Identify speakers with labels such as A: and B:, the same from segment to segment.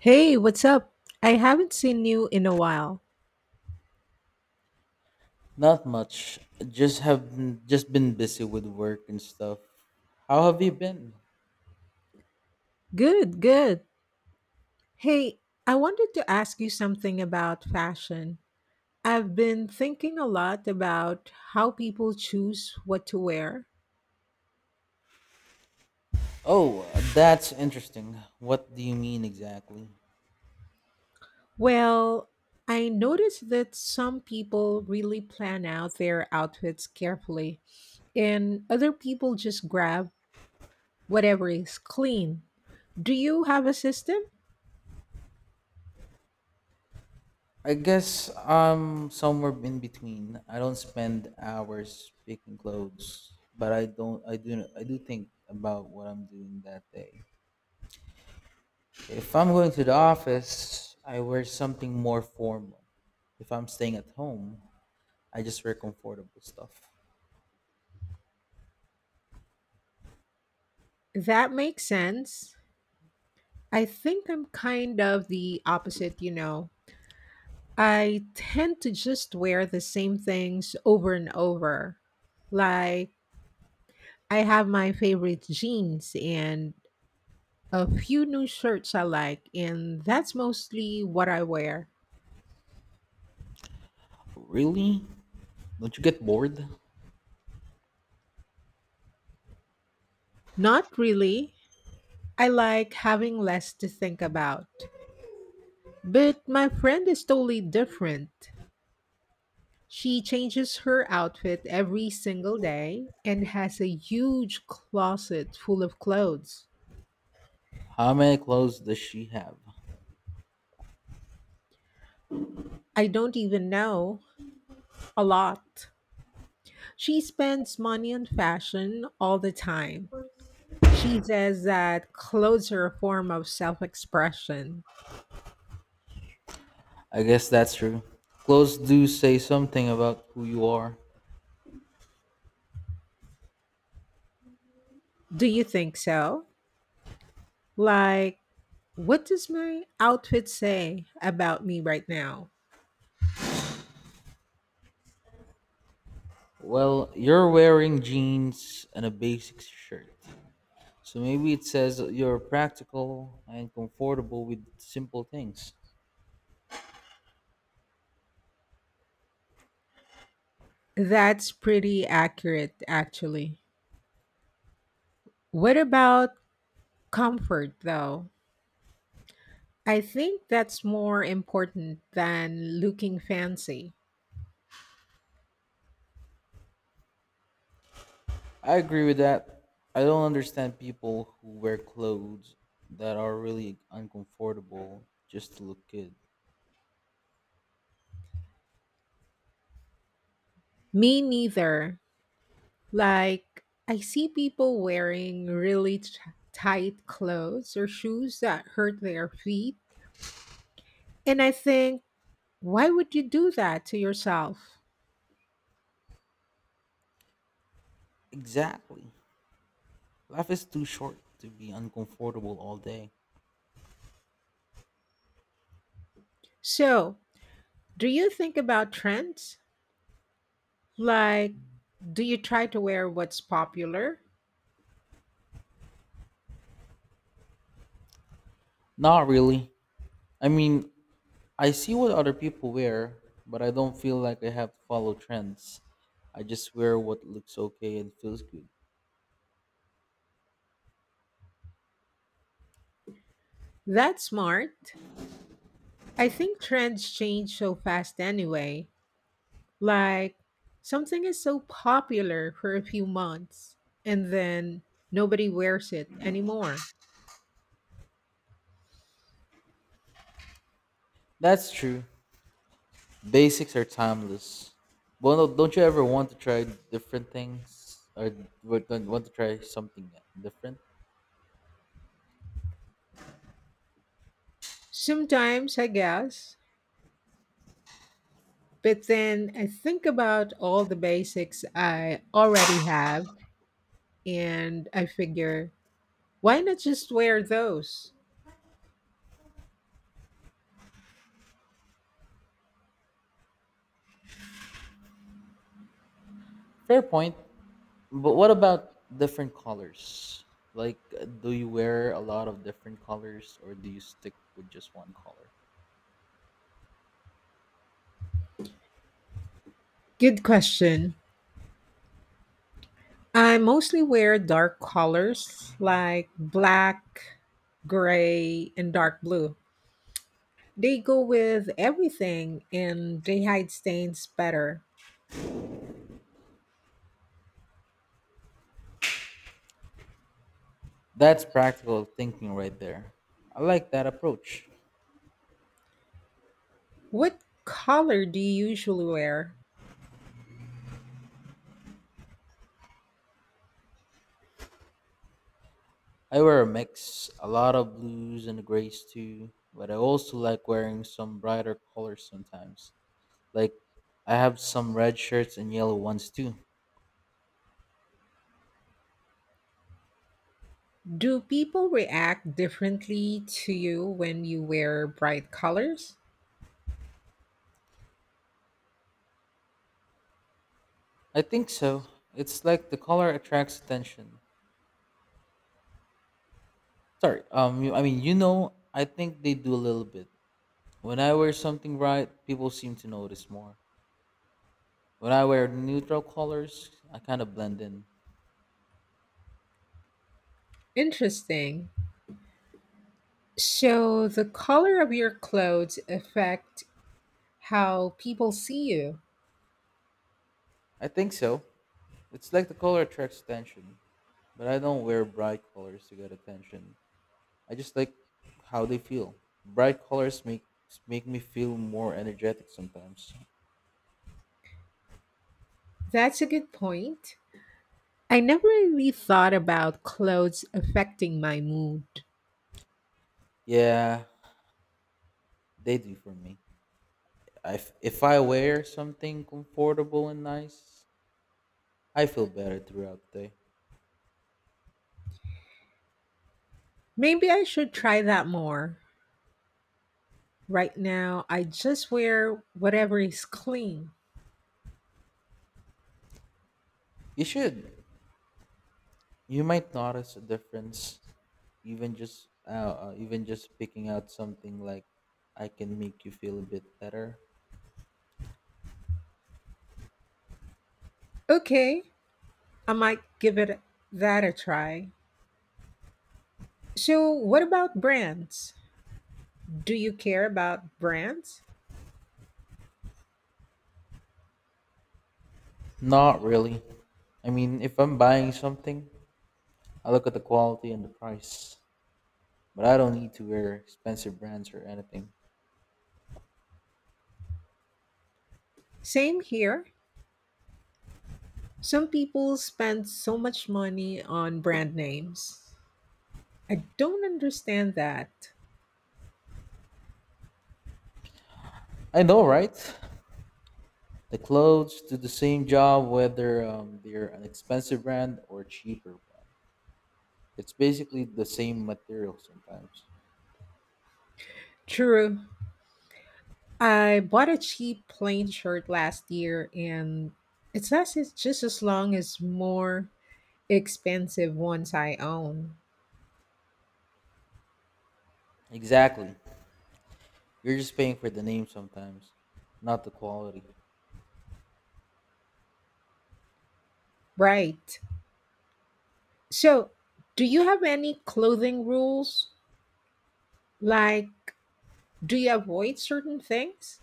A: Hey, what's up? I haven't seen you in a while.
B: Not much. Just been busy with work and stuff. How have you been?
A: Good, good. Hey, I wanted to ask you something about fashion. I've been thinking a lot about how people choose what to wear.
B: Oh, that's interesting. What do you mean exactly?
A: Well, I noticed that some people really plan out their outfits carefully, and other people just grab whatever is clean. Do you have a system?
B: I guess I'm somewhere in between. I don't spend hours picking clothes, but I don't I do think about what I'm doing that day. If I'm going to the office, I wear something more formal. If I'm staying at home, I just wear comfortable stuff.
A: That makes sense. I think I'm kind of the opposite. I tend to just wear the same things over and over. Like, I have my favorite jeans and a few new shirts I like, and that's mostly what I wear.
B: Really? Don't you get bored?
A: Not really. I like having less to think about. But my friend is totally different. She changes her outfit every single day and has a huge closet full of clothes.
B: How many clothes does she have?
A: I don't even know a lot. She spends money on fashion all the time. She says that clothes are a form of self expression.
B: I guess that's true. Clothes do say something about who you are.
A: Do you think so? Like, what does my outfit say about me right now?
B: Well, you're wearing jeans and a basic shirt. So maybe it says you're practical and comfortable with simple things.
A: That's pretty accurate, actually. What about comfort, though? I think that's more important than looking fancy.
B: I agree with that. I don't understand people who wear clothes that are really uncomfortable just to look good.
A: Me neither. Like, I see people wearing really tight clothes or shoes that hurt their feet. And I think, why would you do that to yourself?
B: Exactly. Life is too short to be uncomfortable all day.
A: So, do you think about trends? Like, do you try to wear what's popular?
B: Not really. I mean, I see what other people wear, but I don't feel like I have to follow trends. I just wear what looks okay and feels good.
A: That's smart. I think trends change so fast anyway. Like something is so popular for a few months and then nobody wears it anymore.
B: That's true. Basics are timeless. Well, no, don't you ever want to try different things or don't want to try something different?
A: Sometimes, I guess, but then I think about all the basics I already have and I figure, why not just wear those?
B: Fair point. But what about different colors? Like, do you wear a lot of different colors or do you stick with just one color?
A: Good question. I mostly wear dark colors like black, gray, and dark blue. They go with everything and they hide stains better.
B: That's practical thinking right there. I like that approach.
A: What color do you usually wear?
B: I wear a mix, a lot of blues and grays too, but I also like wearing some brighter colors sometimes. Like I have some red shirts and yellow ones too.
A: Do people react differently to you when you wear bright colors?
B: I think so. It's like the color attracts attention. Sorry, you, I mean, you know, I think they do a little bit. When I wear something bright, people seem to notice more. When I wear neutral colors, I kind of blend in.
A: Interesting. So the color of your clothes affect how people see you.
B: I think so. It's like the color attracts attention, but I don't wear bright colors to get attention. I just like how they feel. Bright colors make me feel more energetic sometimes.
A: That's a good point. I never really thought about clothes affecting my mood.
B: Yeah, they do for me. If I wear something comfortable and nice, I feel better throughout the day.
A: Maybe I should try that more. Right now, I just wear whatever is clean.
B: You should. You might notice a difference, even just picking out something like I can make you feel a bit better.
A: Okay, I might give it that a try. So, what about brands? Do you care about brands?
B: Not really. I mean, if I'm buying something, I look at the quality and the price. But I don't need to wear expensive brands or anything.
A: Same here. Some people spend so much money on brand names. I don't understand that.
B: I know, right? The clothes do the same job whether they're an expensive brand or a cheaper brand. It's basically the same material sometimes.
A: True, I bought a cheap plain shirt last year and it lasts just as long as more expensive ones I own.
B: Exactly. You're just paying for the name sometimes, not the quality.
A: Right. So, do you have any clothing rules? Like, do you avoid certain things?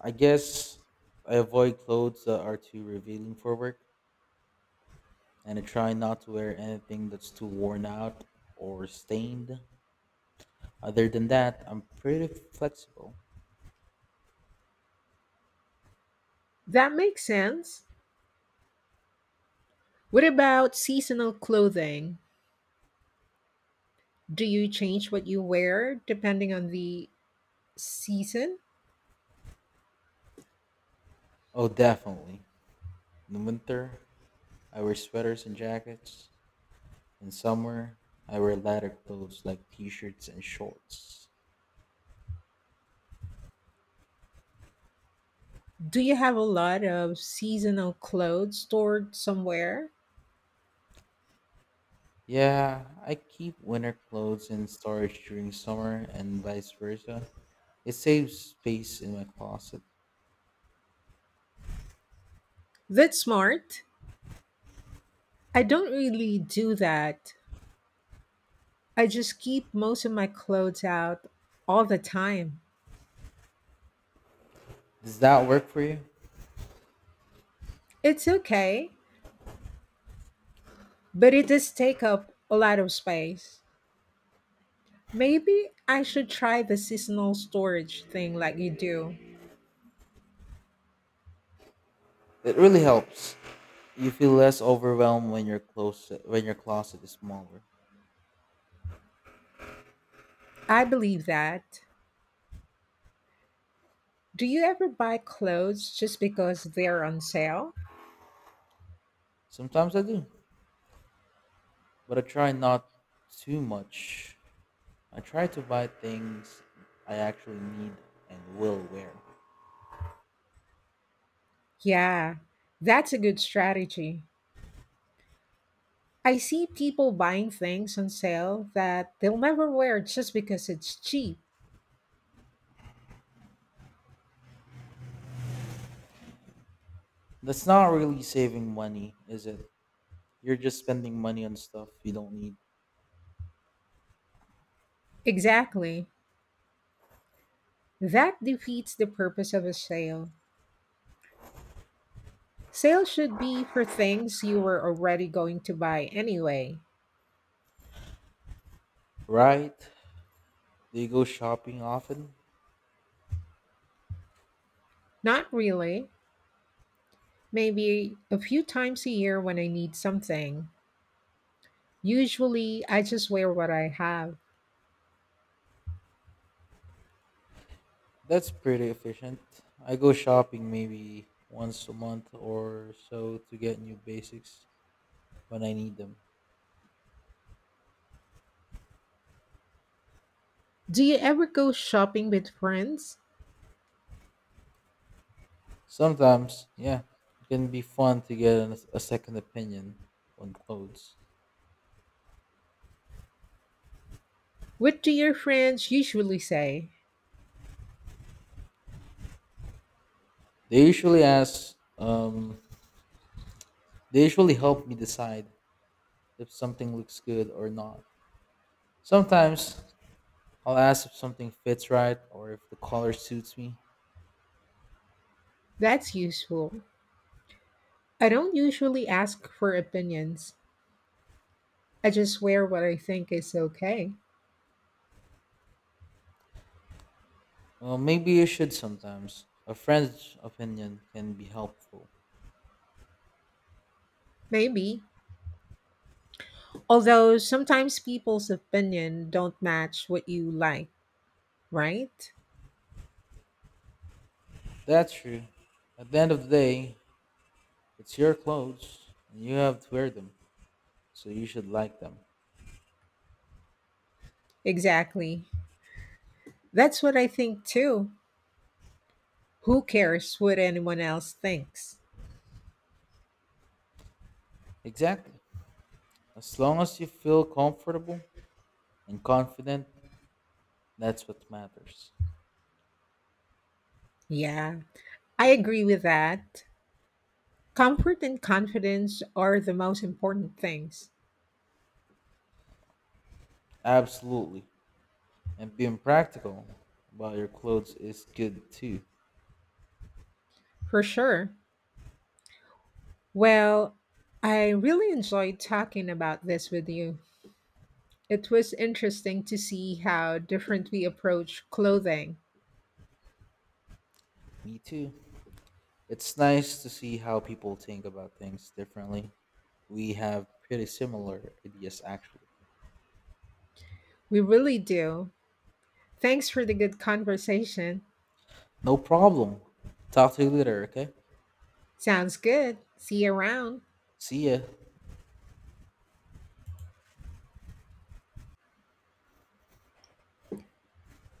B: I guess I avoid clothes that are too revealing for work, and I try not to wear anything that's too worn out or stained. Other than that, I'm pretty flexible.
A: That makes sense. What about seasonal clothing? Do you change what you wear depending on the season?
B: Oh, definitely. In the winter, I wear sweaters and jackets. In summer, I wear lighter clothes like t shirts and shorts.
A: Do you have a lot of seasonal clothes stored somewhere?
B: Yeah, I keep winter clothes in storage during summer and vice versa. It saves space in my closet.
A: That's smart. I don't really do that. I just keep most of my clothes out all the time.
B: Does that work for you?
A: It's okay, but it does take up a lot of space. Maybe I should try the seasonal storage thing like you do.
B: It really helps. You feel less overwhelmed when your closet is smaller.
A: I believe that. Do you ever buy clothes just because they're on sale?
B: Sometimes I do, but I try not too much. I try to buy things I actually need and will wear.
A: Yeah, that's a good strategy. I see people buying things on sale that they'll never wear just because it's cheap.
B: That's not really saving money, is it? You're just spending money on stuff you don't need.
A: Exactly. That defeats the purpose of a sale. Sales should be for things you were already going to buy anyway.
B: Right? Do you go shopping often?
A: Not really. Maybe a few times a year when I need something. Usually, I just wear what I have.
B: That's pretty efficient. I go shopping maybe once a month or so to get new basics when I need them.
A: Do you ever go shopping with friends?
B: Sometimes, yeah, it can be fun to get a second opinion on clothes.
A: What do your friends usually say?
B: They usually help me decide if something looks good or not. Sometimes I'll ask if something fits right or if the color suits me.
A: That's useful. I don't usually ask for opinions. I just wear what I think is okay.
B: Well, maybe you should sometimes. A friend's opinion can be helpful.
A: Maybe. Although sometimes people's opinion don't match what you like, right?
B: That's true. At the end of the day, it's your clothes and you have to wear them, so you should like them.
A: Exactly. That's what I think too. Who cares what anyone else thinks?
B: Exactly. As long as you feel comfortable and confident, that's what matters.
A: Yeah, I agree with that. Comfort and confidence are the most important things,
B: Absolutely. And being practical about your clothes is good too.
A: for sure. Well, I really enjoyed talking about this with you. It was interesting to see how different we approach clothing.
B: Me too. It's nice to see how people think about things differently. We have pretty similar ideas, actually.
A: We really do. Thanks for the good conversation.
B: No problem. Talk to you later, okay?
A: Sounds good. See you around.
B: See ya.